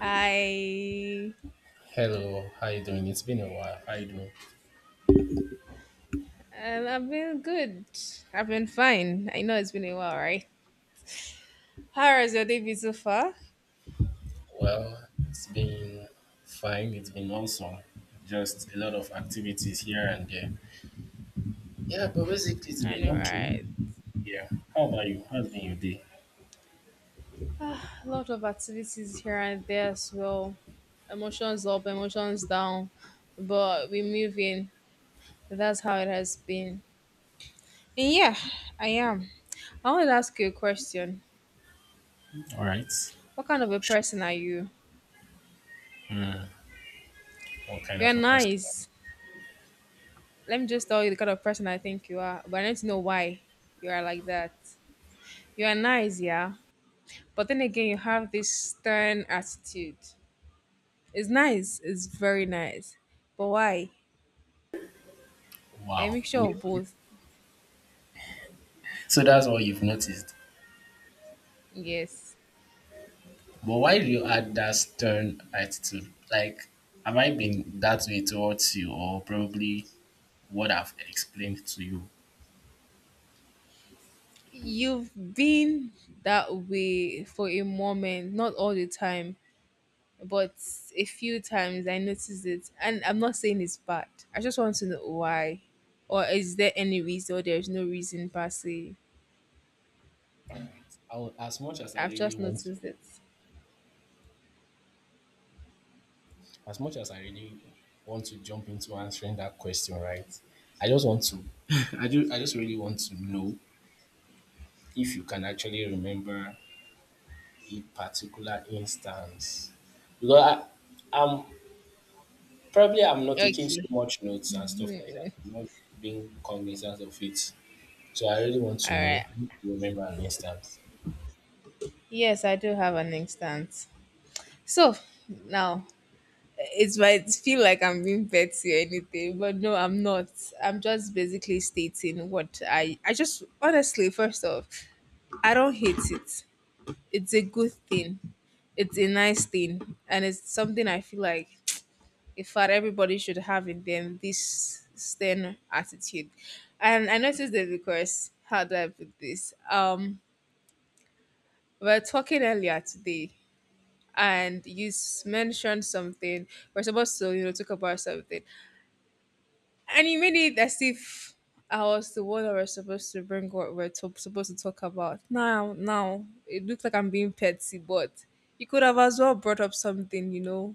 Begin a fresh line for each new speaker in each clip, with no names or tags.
Hi.
Hello, how you doing? It's been a while. How you doing?
I've been good. I've been fine. I know it's been a while, right? How has your day been so far?
Well, it's been fine. It's been awesome. Just a lot of activities here and there. Yeah, but basically it's
I
been
know,
okay.
right?
Yeah. How about you? How's been your day?
Ah, a lot of activities here and there as well. Emotions up, emotions down, but we move in. That's how it has been. And yeah, I am. I want to ask you a question.
All right.
What kind of a person are you?
Hmm, what kind
You're
of a person?
nice. Let me just tell you the kind of person I think you are, but I need to know why you are like that. You are nice, yeah. But then again, you have this stern attitude. It's nice. It's very nice. But why? A
Wow.
mixture of
Okay.
both.
So that's what you've noticed.
Yes.
But why do you add that stern attitude? Like, have I been that way towards you, or probably what I've explained to you?
You've been that way for a moment, not all the time, but a few times I noticed it. And I'm not saying it's bad. I just want to know why. Or is there any reason or there's no reason per se?
All right. As much as I
I've
really
just
want to
noticed it.
as much as I really want to jump into answering that question, right? I just want to, I just really want to know if you can actually remember a particular instance. Because I, I'm probably I'm not taking so
Okay.
much notes and stuff like that. I'm not being cognizant of it. So I really want
All
to
right.
know, if you remember an instance.
Yes, I do have an instance. So now it might feel like I'm being petty or anything, but no, I'm not. I'm just basically stating what I just honestly, first off, I don't hate it. It's a good thing. It's a nice thing. And it's something I feel like in fact everybody should have in them this stern attitude. And I noticed that because how do I put this? We were talking earlier today and you mentioned something. We're supposed to, you know, talk about something, and you made it as if I was the one that was supposed to bring what we're supposed to talk about. Now, it looks like I'm being petty, but you could have as well brought up something.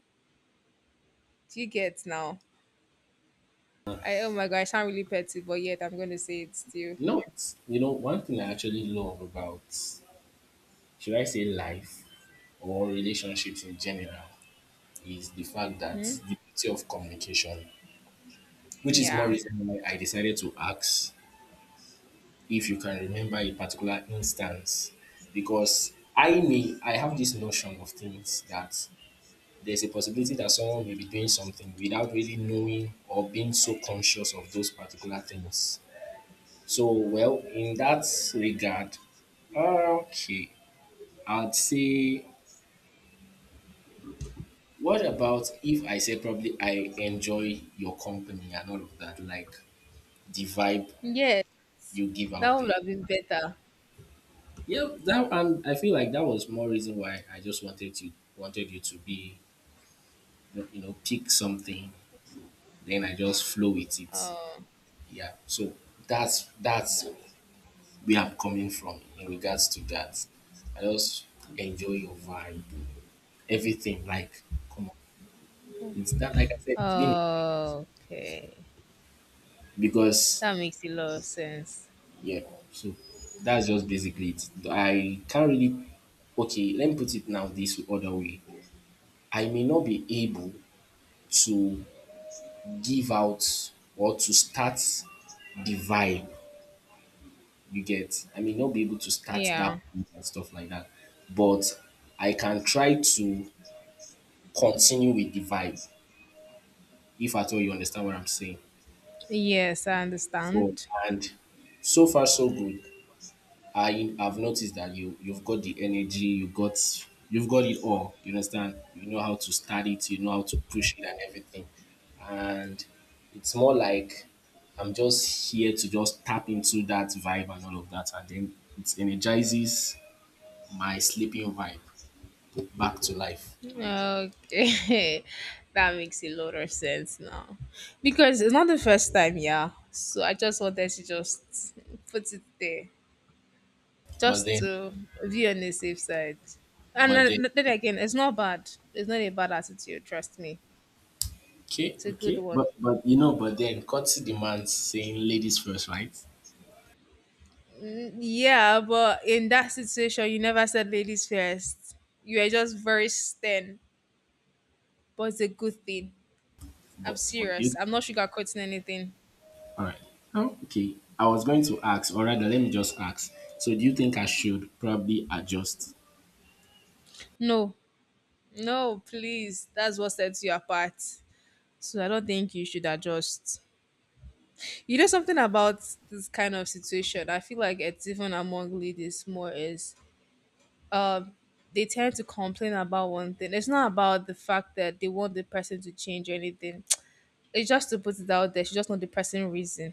Do you get now? I oh my god, I sound really petty, but yet I'm gonna say it still.
No, it's, one thing I actually love about, should I say life or relationships in general, is the fact that
Hmm?
the beauty of communication, which is more
Yeah,
reason why I decided to ask if you can remember a particular instance. Because I have this notion of things that there's a possibility that someone may be doing something without really knowing or being so conscious of those particular things. So well, in that regard, okay, I'd say what about if I say probably I enjoy your company and all of that, like the vibe
yeah,
you give
that
out
would
there.
have been better.
Yeah, that and I feel like that was more reason why I just wanted you to be, pick something, then I just flow with it.
Oh,
Yeah, so that's where I'm coming from in regards to that. I just enjoy your vibe, everything. Like, come on, it's that like I said, it's been
oh, okay,
because
that makes a lot of sense.
yeah. So that's just basically it. I can't really Okay, let me put it now this other way. I may not be able to give out or to start the vibe. You get? I mean, not be able to start that
Yeah,
beat and stuff like that, but I can try to continue with the vibe, if at all you understand what I'm saying.
yes, I
So,
understand.
and so far, so good. I have noticed that you've got the energy, you've got it all. You understand? You know how to start it, you know how to push it and everything. And it's more like I'm just here to just tap into that vibe and all of that, and then it energizes my sleeping vibe back to life.
Okay, that makes a lot of sense now because it's not the first time, yeah. So I just wanted to just put it there
But
just
then,
to be on the safe side. And
but
then
then,
then again, it's not bad, it's not a bad attitude, trust me, it's a good one.
courtesy demands saying ladies first, right?
Mm, yeah, but in that situation, you never said ladies first, you are just very stern, but it's a good thing. I'm
But but
serious,
you,
I'm not sugarcoating anything.
all right. Okay, I was going to ask, or rather, let me just ask. So, do you think I should probably adjust?
No, no, please. That's what sets you apart. So I don't think you should adjust. You know something about this kind of situation. I feel like it's even among ladies more is um they tend to complain about one thing. It's not about the fact that they want the person to change or anything. It's just to put it out there. She just want the person reason.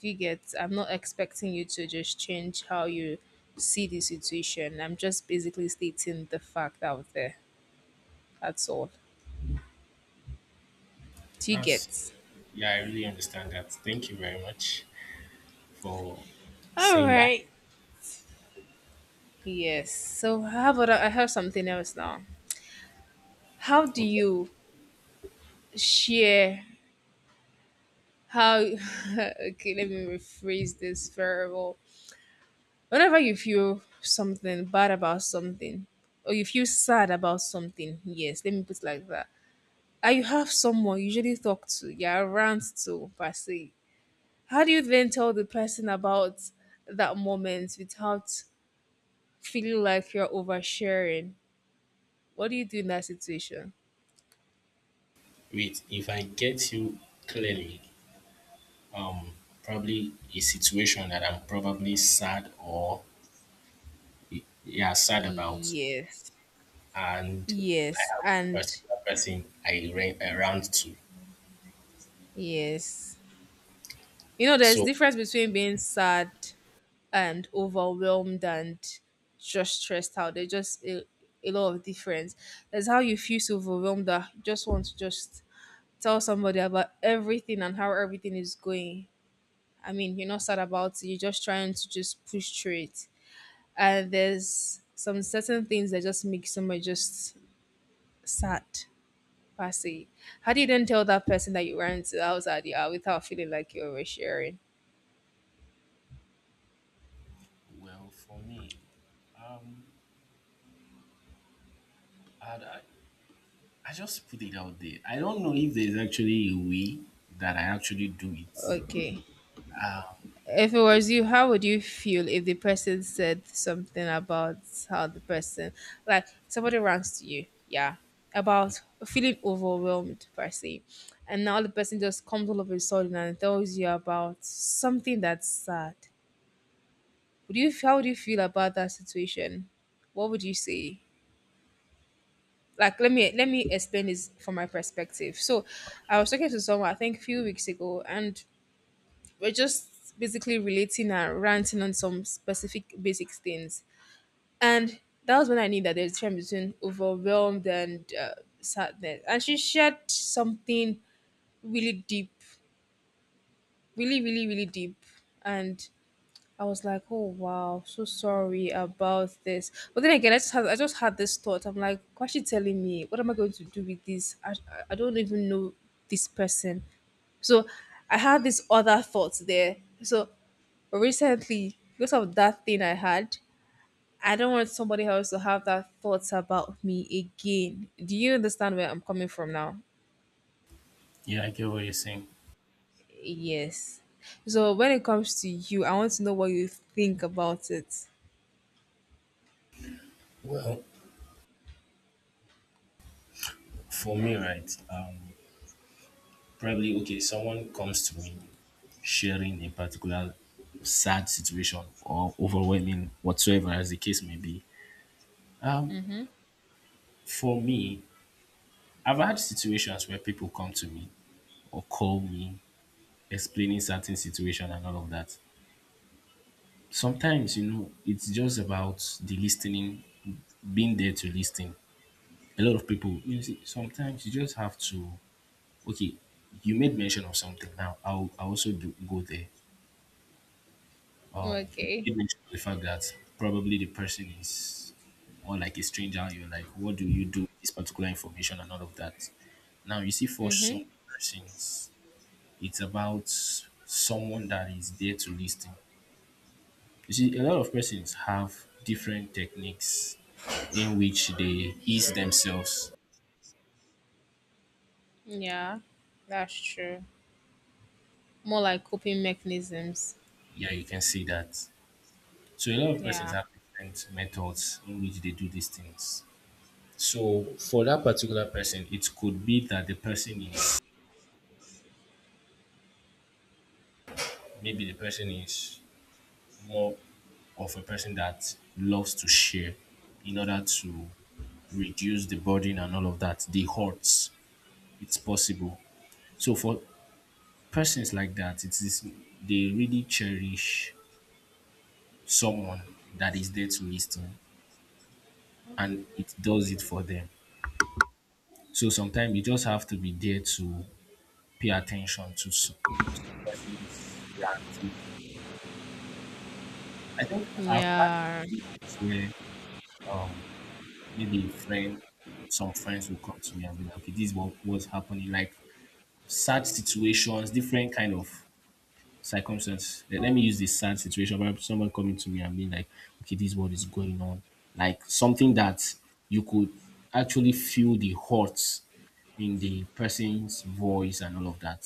Do you get? I'm not expecting you to just change how you see the situation. I'm just basically stating the fact out there. That's all. Do you
That's
get?
Yeah, I really understand that. Thank you very much for
All
saying that.
right. Yes. So how about I have something else now? How do
Okay.
you share how okay, let me rephrase this variable. Whenever you feel something bad about something or you feel sad about something, yes, let me put it like that. And you have someone you usually talk to, yeah, rant to per se. How do you then tell the person about that moment without feeling like you're oversharing? What do you do in that situation?
Wait, if I get you clearly, um, probably a situation that I'm probably sad or yeah, sad about,
Yes.
and I
Yes,
have a
and
particular person I ran around to.
yes. You know, there's
So
difference between being sad and overwhelmed and just stressed out. There's just a lot of difference. There's how you feel so overwhelmed that you just want to just tell somebody about everything and how everything is going. I mean, you're not sad about it. You're just trying to just push through it. And there's some certain things that just make somebody just sad. Passy. How do you then tell that person that you ran to house at the hour without feeling like you oversharing?
well for me, um, I'd, I just put it out there. I don't know if there's actually a way that I actually do it.
Okay. If it was you, how would you feel if the person said something about how the person, like somebody rants to you, yeah, about feeling overwhelmed per se, and now the person just comes all of a sudden and tells you about something that's sad? Would you? How would you feel about that situation? What would you say? Like, let me explain this from my perspective. So I was talking to someone I think a few weeks ago, and we're just basically relating and ranting on some specific basic things, and that was when I knew that there's a difference between overwhelmed and sadness. And she shared something really deep, really really really deep. And I was like, oh wow, so sorry about this. But then again, I just had this thought. I'm like, why is she telling me? What am I going to do with this? I don't even know this person. So I had this other thought there. So recently, because of that thing I had, I don't want somebody else to have that thoughts about me again. Do you understand where I'm coming from now?
Yeah, I get what you're saying.
Yes. So when it comes to you, I want to know what you think about it.
Well, for me, right, probably okay, someone comes to me sharing a particular sad situation or overwhelming, whatsoever as the case may be. Um, for me, I've had situations where people come to me or call me explaining certain situation and all of that. Sometimes, it's just about the listening, being there to listen. A lot of people, you see, sometimes you just have to okay. You made mention of something. Now, I also do, go there.
Okay.
You made mention of the fact that probably the person is more like a stranger, and you're like, what do you do with this particular information and all of that? Now you see, for some persons, it's about someone that is there to listen. You see, a lot of persons have different techniques in which they ease themselves.
Yeah, that's true. More like coping mechanisms.
Yeah, you can see that. So a lot of persons
Yeah.
have different methods in which they do these things. So for that particular person, it could be that the person is maybe the person is more of a person that loves to share in order to reduce the burden and all of that. The hurts, it's possible. So for persons like that, it is they really cherish someone that is there to listen and it does it for them. So sometimes you just have to be there to pay attention to some person's reactive. I think I've had
Yeah.
situations where um, maybe a friend, some friends will come to me and be like, okay, this is what was happening. Like sad situations, different kind of circumstances. Let me use this sad situation. Perhaps someone coming to me and being like, okay, this is what is going on. Like something that you could actually feel the hurt in the person's voice and all of that.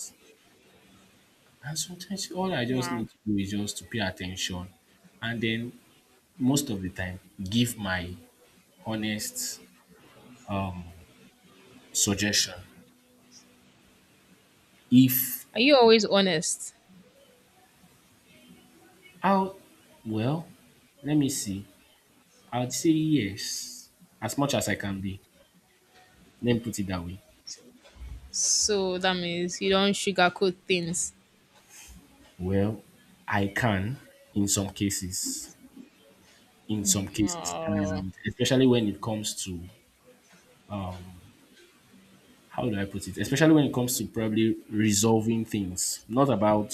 And sometimes all I just
Wow.
need to do is just to pay attention, and then most of the time give my honest suggestion. If
Are you always honest?
I'll Well, let me see. I'd say yes, as much as I can be. Let me put it that way.
So that means you don't sugarcoat things.
Well, I can in some cases. In some cases.
Oh.
And especially when it comes to um how do I put it? Especially when it comes to probably resolving things. Not about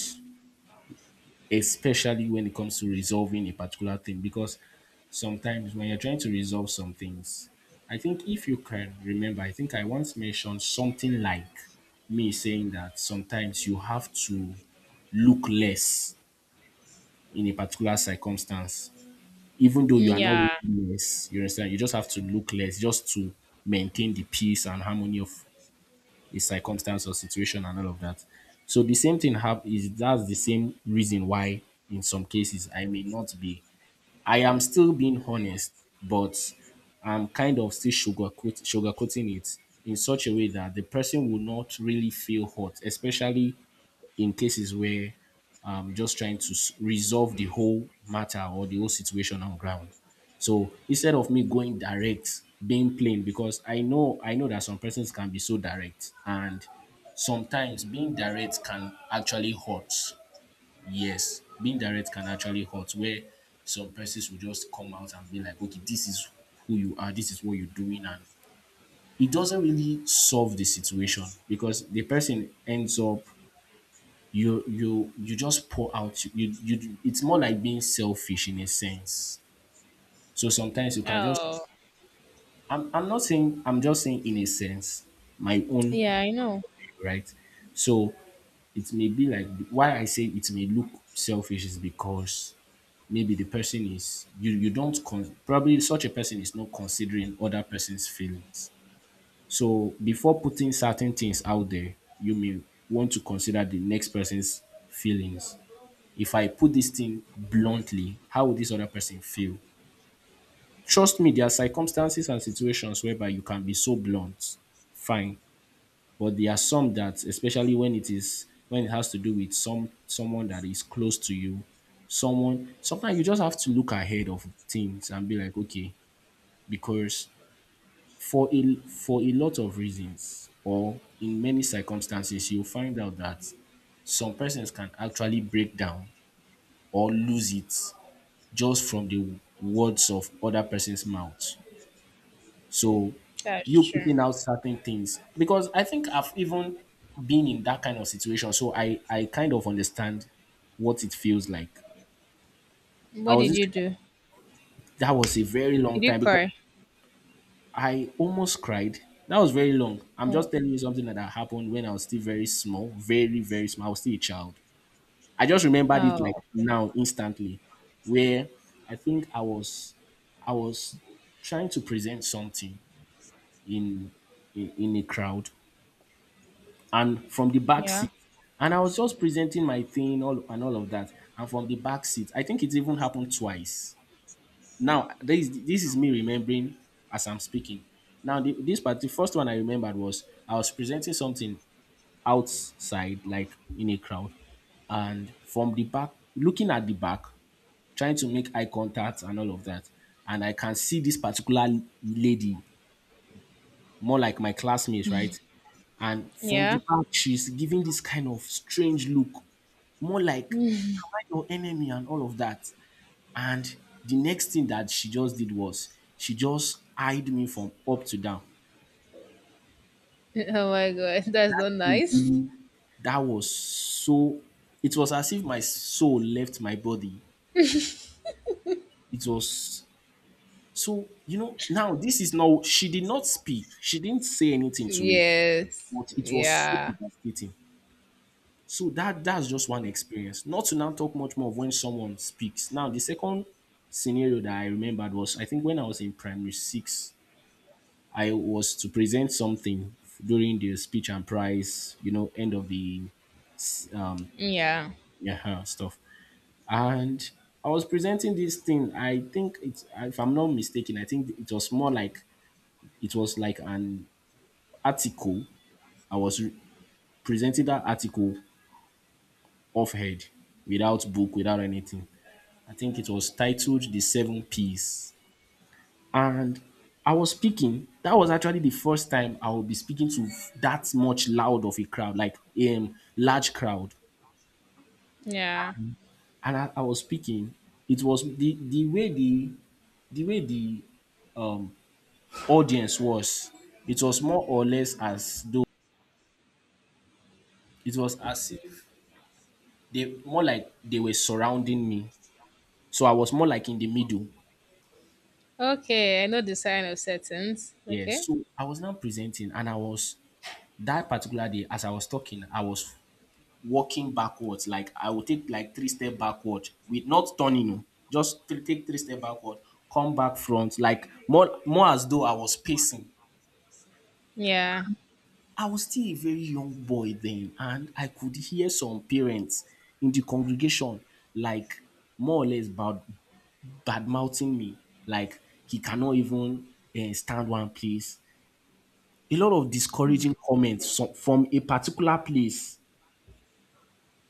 Especially when it comes to resolving a particular thing, because sometimes when you're trying to resolve some things, I think, if you can remember, I think I once mentioned something like me saying that sometimes you have to look less in a particular circumstance, even though you are not
Yeah.
really less, you understand. You just have to look less just to maintain the peace and harmony of his circumstance or situation and all of that. So the same thing hap- is that's the same reason why in some cases I may not be. I am still being honest, but I'm kind of still sugarcoating it in such a way that the person will not really feel hurt, especially in cases where I'm just trying to resolve the whole matter or the whole situation on ground. So instead of me going direct, being plain, because I know that some persons can be so direct, and sometimes being direct can actually hurt. Yes, being direct can actually hurt. Where some persons will just come out and be like, "Okay, this is who you are. This is what you're doing," and it doesn't really solve the situation because the person ends up. You just pour out. You It's more like being selfish in a sense. So sometimes you can just
Oh.
I'm not saying, I'm just saying in a sense, my own,
Yeah, I know.
right? So it may be like, why I say it may look selfish is because maybe the person is you you don't con- probably such a person is not considering other person's feelings. So before putting certain things out there, you may want to consider the next person's feelings. If I put this thing bluntly, how would this other person feel? Trust me, there are circumstances and situations whereby you can be so blunt, fine. But there are some that, especially when it has to do with someone that is close to you, someone sometimes you just have to look ahead of things and be like, okay, because for a lot of reasons or in many circumstances, you'll find out that some persons can actually break down or lose it just from the words of other person's mouth. So
That's
you
true.
putting out certain things, because I think I've even been in that kind of situation, so I kind of understand what it feels like. I
What
was
did
this
you do?
That was a very long
Did you
time because
cry?
I almost cried. That was very long. I'm
Oh.
just telling you something that happened when I was still very small, very, very small. I was still a child. I just remembered it
Oh.
like
Okay.
now, instantly, where I think I was trying to present something in in a crowd and from the back
Yeah.
seat. And I was just presenting my thing all and all of that. And from the back seat, I think it even happened twice. Now, this is me remembering as I'm speaking. Now, this part, the first one I remembered was I was presenting something outside, like in a crowd, and from the back, looking at the back, trying to make eye contact and all of that. And I can see this particular lady, more like my classmate, right? And from
Yeah.
the back, she's giving this kind of strange look, more like, am I your enemy and all of that? And the next thing that she just did was she just eyed me from up to down.
Oh my god, that's
That
not
thing
nice.
really- that was so It was as if my soul left my body. It was so, now this is now she did not speak. She didn't say anything to me,
Yes.
but it was so
Yeah.
devastating. So that's just one experience. Not to now talk much more of when someone speaks. Now, the second scenario that I remembered was, I think when I was in primary six, I was to present something during the speech and prize, you know, end of the um
Yeah.
yeah stuff. And I was presenting this thing. I think, it's if I'm not mistaken, I think it was like an article. I was presenting that article off head, without book, without anything. I think it was titled The Seven P's. And I was speaking. That was actually the first time I would be speaking to that much loud of a crowd, like a large crowd.
Yeah.
And I was speaking. It was the way the um, audience was. It was more or less as though it was as if they, more like, they were surrounding me. So I was more like in the middle.
Okay, I know the sign of settings.
Yes.
Okay.
So I was now presenting, and I was that particular day, as I was talking, I was walking backwards. Like I will take like three step backward with not turning, oh, take three step backward, come back front, like more as though I was pacing.
Yeah.
I was still a very young boy then, and I could hear some parents in the congregation, like, more or less bad mouthing me, like, he cannot even stand one place. A lot of discouraging comments from a particular place.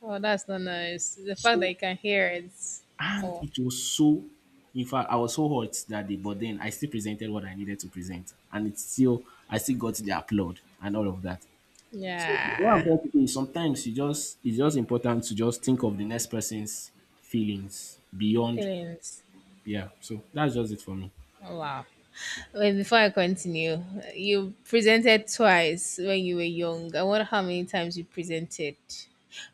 Oh, that's not nice. The fact that you
So
can hear it.
And
Oh,
it was so, in fact, I was so hot that day, but then I still presented what I needed to present. And I still got the applaud and all of that. So what I'm
yeah.
trying to say is sometimes it's just important to just think of the next person's feelings beyond,
Feelings.
yeah. So that's just it for me.
Oh, wow. Wait, before I continue, you presented twice when you were young. I wonder how many times you presented.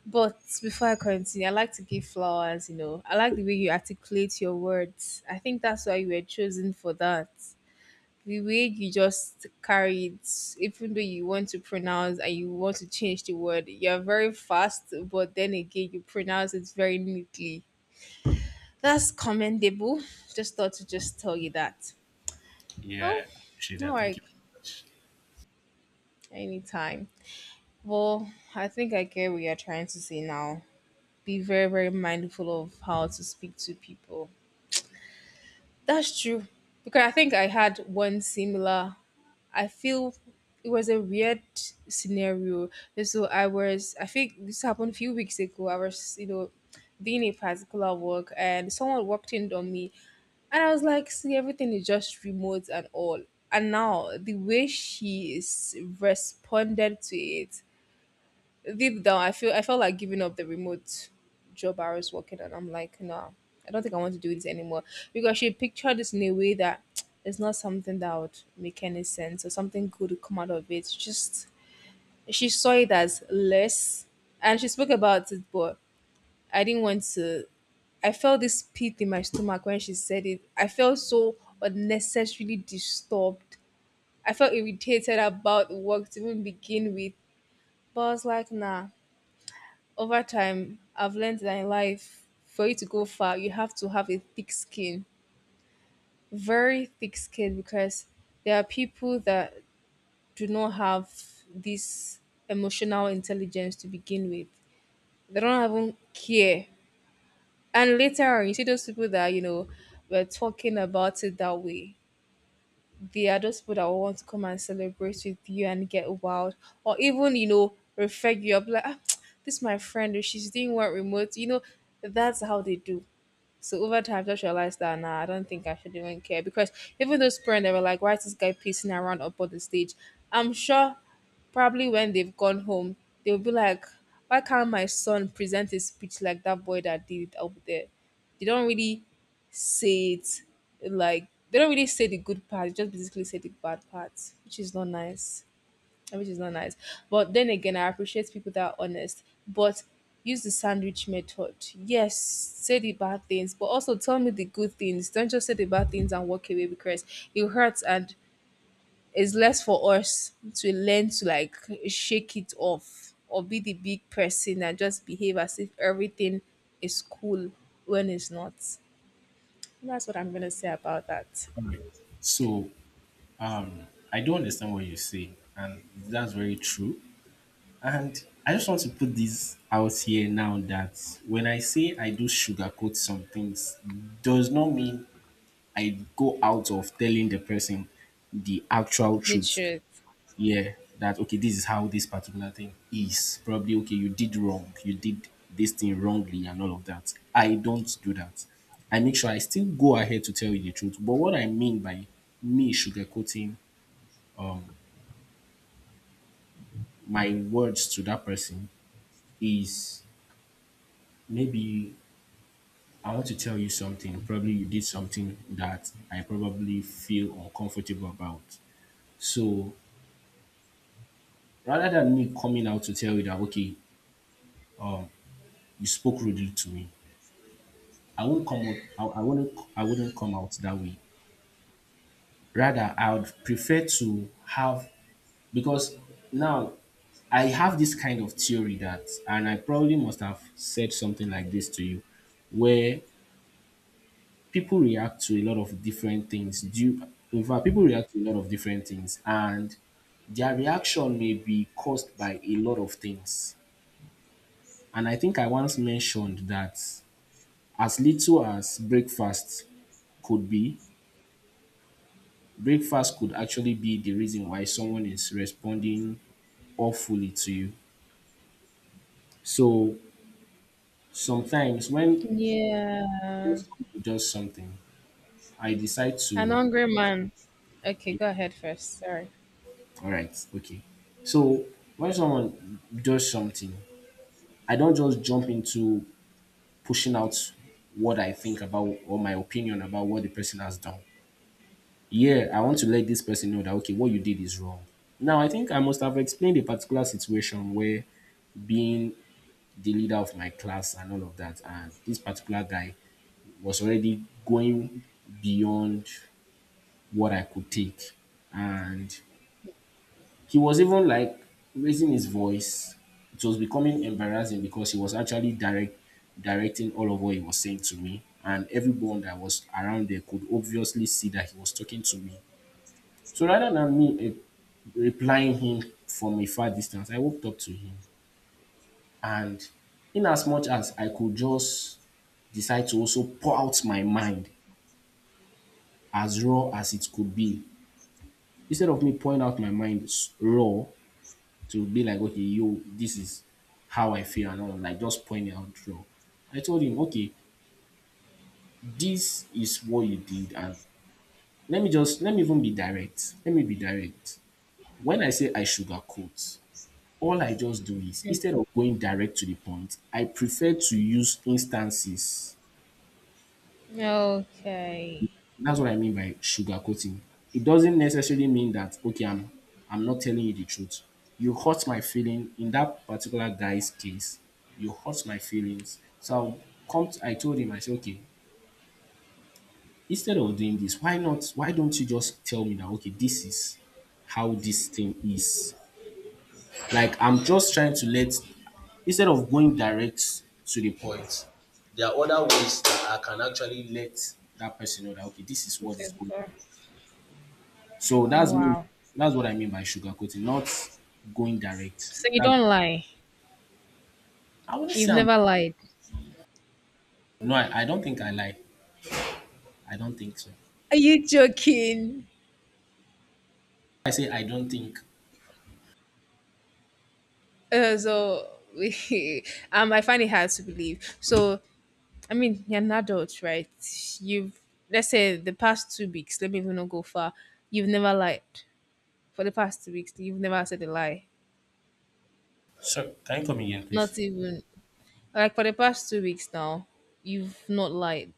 But before I continue, I like to give flowers. I like the way you articulate your words. I think that's why you were chosen for that. The way you just carry it, even though you want to pronounce and you want to change the word, you're very fast, but then again, you pronounce it very neatly. That's commendable. Just thought to just tell you that. Oh,
Yeah, I appreciate
no,
that. Thank
like,
you very much.
anytime. Well, I think I get what you're trying to say now. Be very, very mindful of how to speak to people. That's true. Because I think I had one similar I feel it was a weird scenario. And so I was, I think this happened a few weeks ago. I was, doing a particular work and someone walked in on me. And I was like, see, everything is just remote and all. And now the way she is responded to it, deep down, I felt like giving up the remote job I was working on. I'm like, no, I don't think I want to do this anymore because she pictured this in a way that it's not something that would make any sense or something good would come out of it. Just she saw it as less, and she spoke about it, but I didn't want to. I felt this pit in my stomach when she said it. I felt so unnecessarily disturbed. I felt irritated about work to even begin with, but I was like, nah. Over time, I've learned that in life, for you to go far, you have to have a thick skin, very thick skin, because there are people that do not have this emotional intelligence to begin with. They don't even care. And later on, you see those people that were talking about it that way. They are those people that will want to come and celebrate with you and get wild, or even refer you up like, "Ah, this is my friend, oh, she's doing what remote." That's how they do. So over time, I just realized that nah, I don't think I should even care because even those parents they were like, "Why is this guy pacing around up on the stage?" I'm sure probably when they've gone home, they'll be like, "Why can't my son present his speech like that boy that did it up there?" They don't really say it like they don't really say the good part. They just basically say the bad part, which is not nice, which is not nice. But then again, I appreciate people that are honest. But use the sandwich method. Yes, say the bad things, but also tell me the good things. Don't just say the bad things and walk away because it hurts and it's less for us to learn to like shake it off or be the big person and just behave as if everything is cool when it's not. That's what I'm gonna say about that.
All right. So um, I do understand what you say, and that's very true. And I just want to put this out here now, that when I say I do sugarcoat some things, does not mean I go out of telling the person the actual
The
truth.
truth.
Yeah, that okay, this is how this particular thing is. Probably okay, you did wrong, you did this thing wrongly, and all of that. I don't do that. I make sure I still go ahead to tell you the truth. But what I mean by me sugarcoating um, my words to that person is, maybe I want to tell you something. Probably you did something that I probably feel uncomfortable about. So rather than me coming out to tell you that okay, um, you spoke rudely to me, I won't come out. I wouldn't. I wouldn't come out that way. Rather, I would prefer to have, because now I have this kind of theory that, and I probably must have said something like this to you, where people react to a lot of different things. In fact, people react to a lot of different things, and their reaction may be caused by a lot of things. And I think I once mentioned that as little as could be, breakfast could actually be the reason why someone is responding awfully to you. So sometimes when
Yeah.
someone does something, I decide
An
to,
hungry man. Okay,
yeah,
go ahead first. Sorry.
all right, okay. So when someone does something, I don't just jump into pushing out what I think about or my opinion about what the person has done. Yeah, I want to let this person know that okay, what you did is wrong. Now, I think I must have explained a particular situation where, being the leader of my class and all of that, and this particular guy was already going beyond what I could take. And he was even like raising his voice. It was becoming embarrassing because he was actually directing all of what he was saying to me. And everyone that was around there could obviously see that he was talking to me. So rather than me replying him from a far distance, I walked up to him. And in as much as I could just decide to also pour out my mind as raw as it could be, instead of me pouring out my mind raw, to be like, okay, yo, this is how I feel and all, like just point it out through. I told him, okay, this is what you did, and let me even be direct. Let me be direct. When I say I sugarcoat, all I just do is, instead of going direct to the point, I prefer to use instances.
Okay.
That's what I mean by sugarcoating. It doesn't necessarily mean that okay, I'm not telling you the truth. You hurt my feeling in that particular guy's case. You hurt my feelings. So I told him, I said, okay, instead of doing this, why not? Why don't you just tell me now? Okay, this is how this thing is. Like I'm just trying to let instead of going direct to the point, there are other ways that I can actually let that person know that okay, this is what
Okay,
is going
go.
on. So that's me.
Wow.
That's what I mean by sugarcoating, not going direct.
So you
That,
don't lie.
I wouldn't
You've
say I'm.
never lied.
No, I don't think I lie. I don't think so.
Are you joking?
I say I don't think.
So, I find it hard to believe. So I mean, you're an adult, right? You've Let's say the past 2 weeks. Let me even not go far. You've never lied for the past 2 weeks. You've never said a lie.
So can you come again, please?
Not even like for the past 2 weeks now. You've not lied.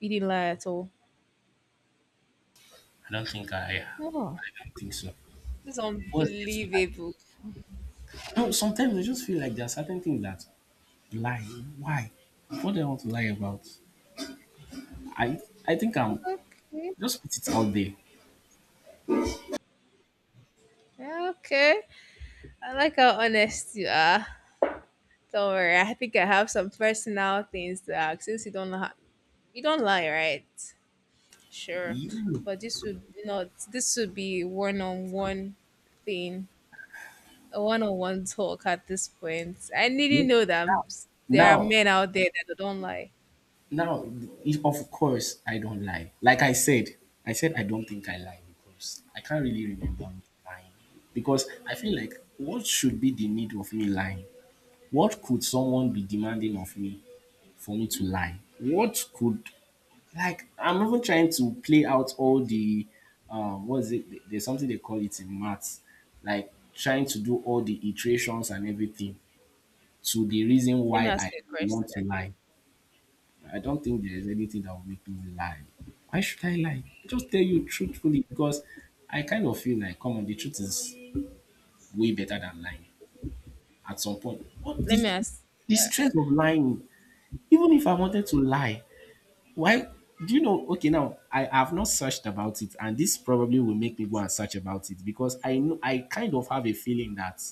You didn't lie at all.
I don't think. I
Oh,
I don't think so.
this is
What's there to lie?
unbelievable.
No, sometimes I just feel like there are certain things that lie. Why? What do I want to lie about? I I think I'm
Okay.
just put it out there.
Yeah, okay. I like how honest you are. Don't worry. I think I have some personal things to ask since you don't lie, right? Sure.
You,
But this would not this would be one on one thing, a one on one talk at this point. I
yeah.
needn't know there are
Now,
men out there that don't lie.
Now, if, of course, I don't lie. Like I said I don't think I lie, because I can't really remember me lying. Because I feel like what should be the need of me lying? What could someone be demanding of me for me to lie? What could Like I'm even trying to play out all the what is it? There's something they call it in maths, like trying to do all the iterations and everything to the reason
Let me
why
ask
I
you a
want to
question.
lie. I don't think there is anything that will make me lie. Why should I lie? I just tell you truthfully because I kind of feel like, come on, the truth is way better than lying at some point. What
Let me
this
ask.
The stress of lying, even if I wanted to lie, why, do you know? Okay, now I have not searched about it, and this probably will make me go and search about it, because I know I kind of have a feeling that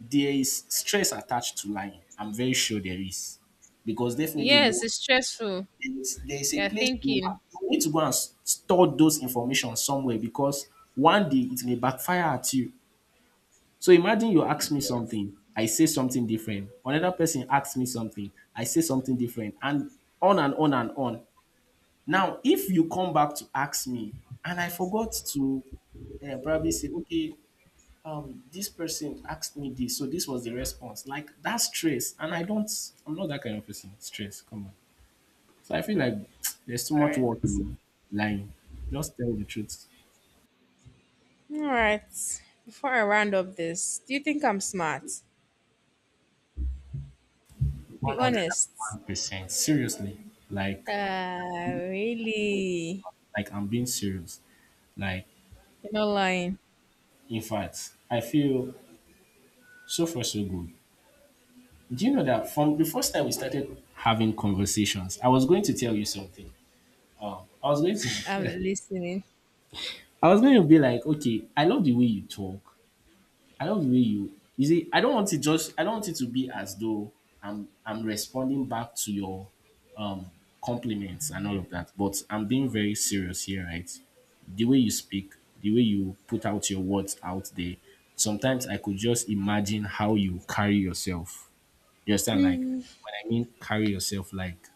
there is stress attached to lying. I'm very sure there is, because definitely
Yes,
you.
it's stressful.
And there is a
You're
place you
thinking.
you need to go and store those information somewhere, because one day it may backfire at you. So imagine you ask me
Yes.
something, I say something different. Another person asks me something, I say something different, and on and on and on. Now, if you come back to ask me and I forgot to probably say, okay, this person asked me this, so this was the response. Like that's stress, and I'm not that kind of person. Stress, come on. So I feel like there's too
All
much
right.
work in lying. Just tell the truth.
All right. Before I round up this, do you think I'm smart? Be honest.
101%. Seriously. Like,
Really?
I'm being serious. Like,
You're not lying.
in fact, I feel, so far, so good. Do you know that from the first time we started having conversations, I was going to tell you something. I was going
I'm
to
listening.
I was going to be like, okay, I love the way you talk. I love the way you see, I don't want it to be as though I'm responding back to your um compliments and all of that, but I'm being very serious here, right? The way you speak, the way you put out your words out there, sometimes I could just imagine how you carry yourself. You understand? Like when I mean carry yourself, like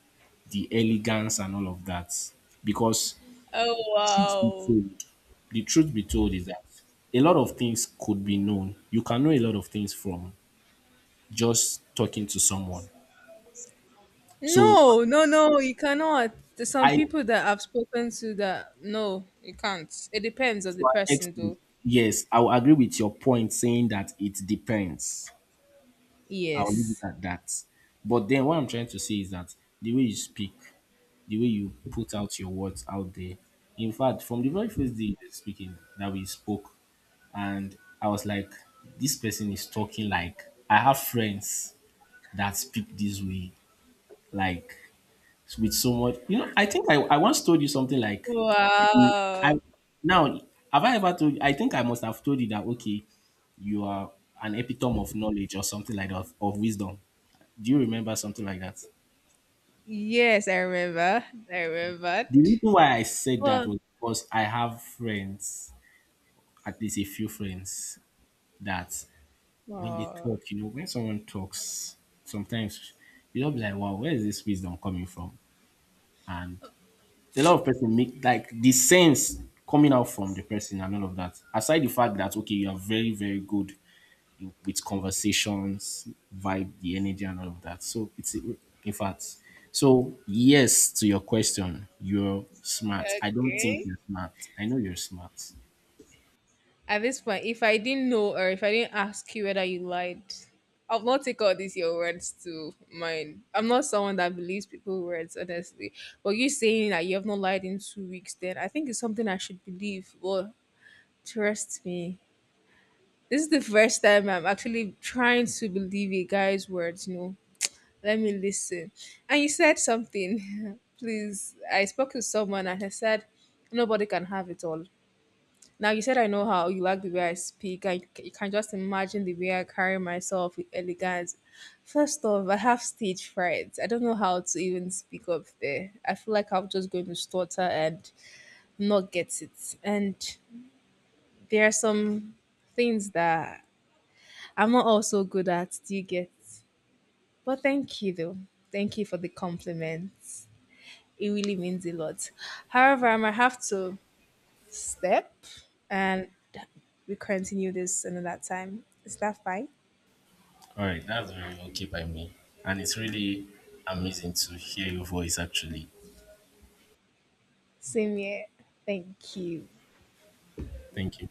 the elegance and all of that. Because
Oh,
Truth be
wow.
told, the truth be told is that a lot of things could be known. You can know a lot of things from just talking to someone. So,
No, no, no, you cannot. There's some
I to
people that I've spoken to that, no, you can't. It depends on the
an
person, though.
extent, yes, I will agree with your point saying that it depends. I'll leave it
Yes.
at that. But then what I'm trying to say is that the way you speak, the way you put out your words out there. In fact, from the very first day you were speaking that we spoke, and I was like, this person is talking like, I have friends that speak this way, like with so much. You know, I think I once told you something like,
Wow.
I now have I ever told you? I think I must have told you that okay, you are an epitome of knowledge, or something like that, of, wisdom. Do you remember something like that?
Yes, I remember. I remembered.
The reason why I said that
Well,
was because I have friends, at least a few friends, that when they
oh,
talk, when someone talks, sometimes you'll be like, wow, where is this wisdom coming from? And a lot of person make, like, the sense coming out from the person and all of that. Aside the fact that okay, you are very very good with conversations, vibe, the energy, and all of that. So it's in fact. So yes, to your question, you're smart. I don't think
okay.
you're smart. I know you're smart.
At this point, if I didn't know or if I didn't ask you whether you lied, I'll not take all these your words to mine. I'm not someone that believes people's words, honestly. But you saying that you have not lied in 2 weeks, then I think it's something I should believe. Well, trust me. This is the first time I'm actually trying to believe a guy's words. Let me listen. And you said something. Please, I spoke to someone and I said, nobody can have it all. Now you said I know how you like the way I speak. I you can just imagine the way I carry myself with elegance. First off, I have stage fright. I don't know how to even speak up there. I feel like I'm just going to stutter and not get it. And there are some things that I'm not also good at. Do you get? But thank you though. Thank you for the compliments. It really means a lot. However, I might have to step and we continue this another time. Is that fine?
All right, that's very okay by me, and it's really amazing to hear your voice actually.
Same here. Thank you.
Thank you.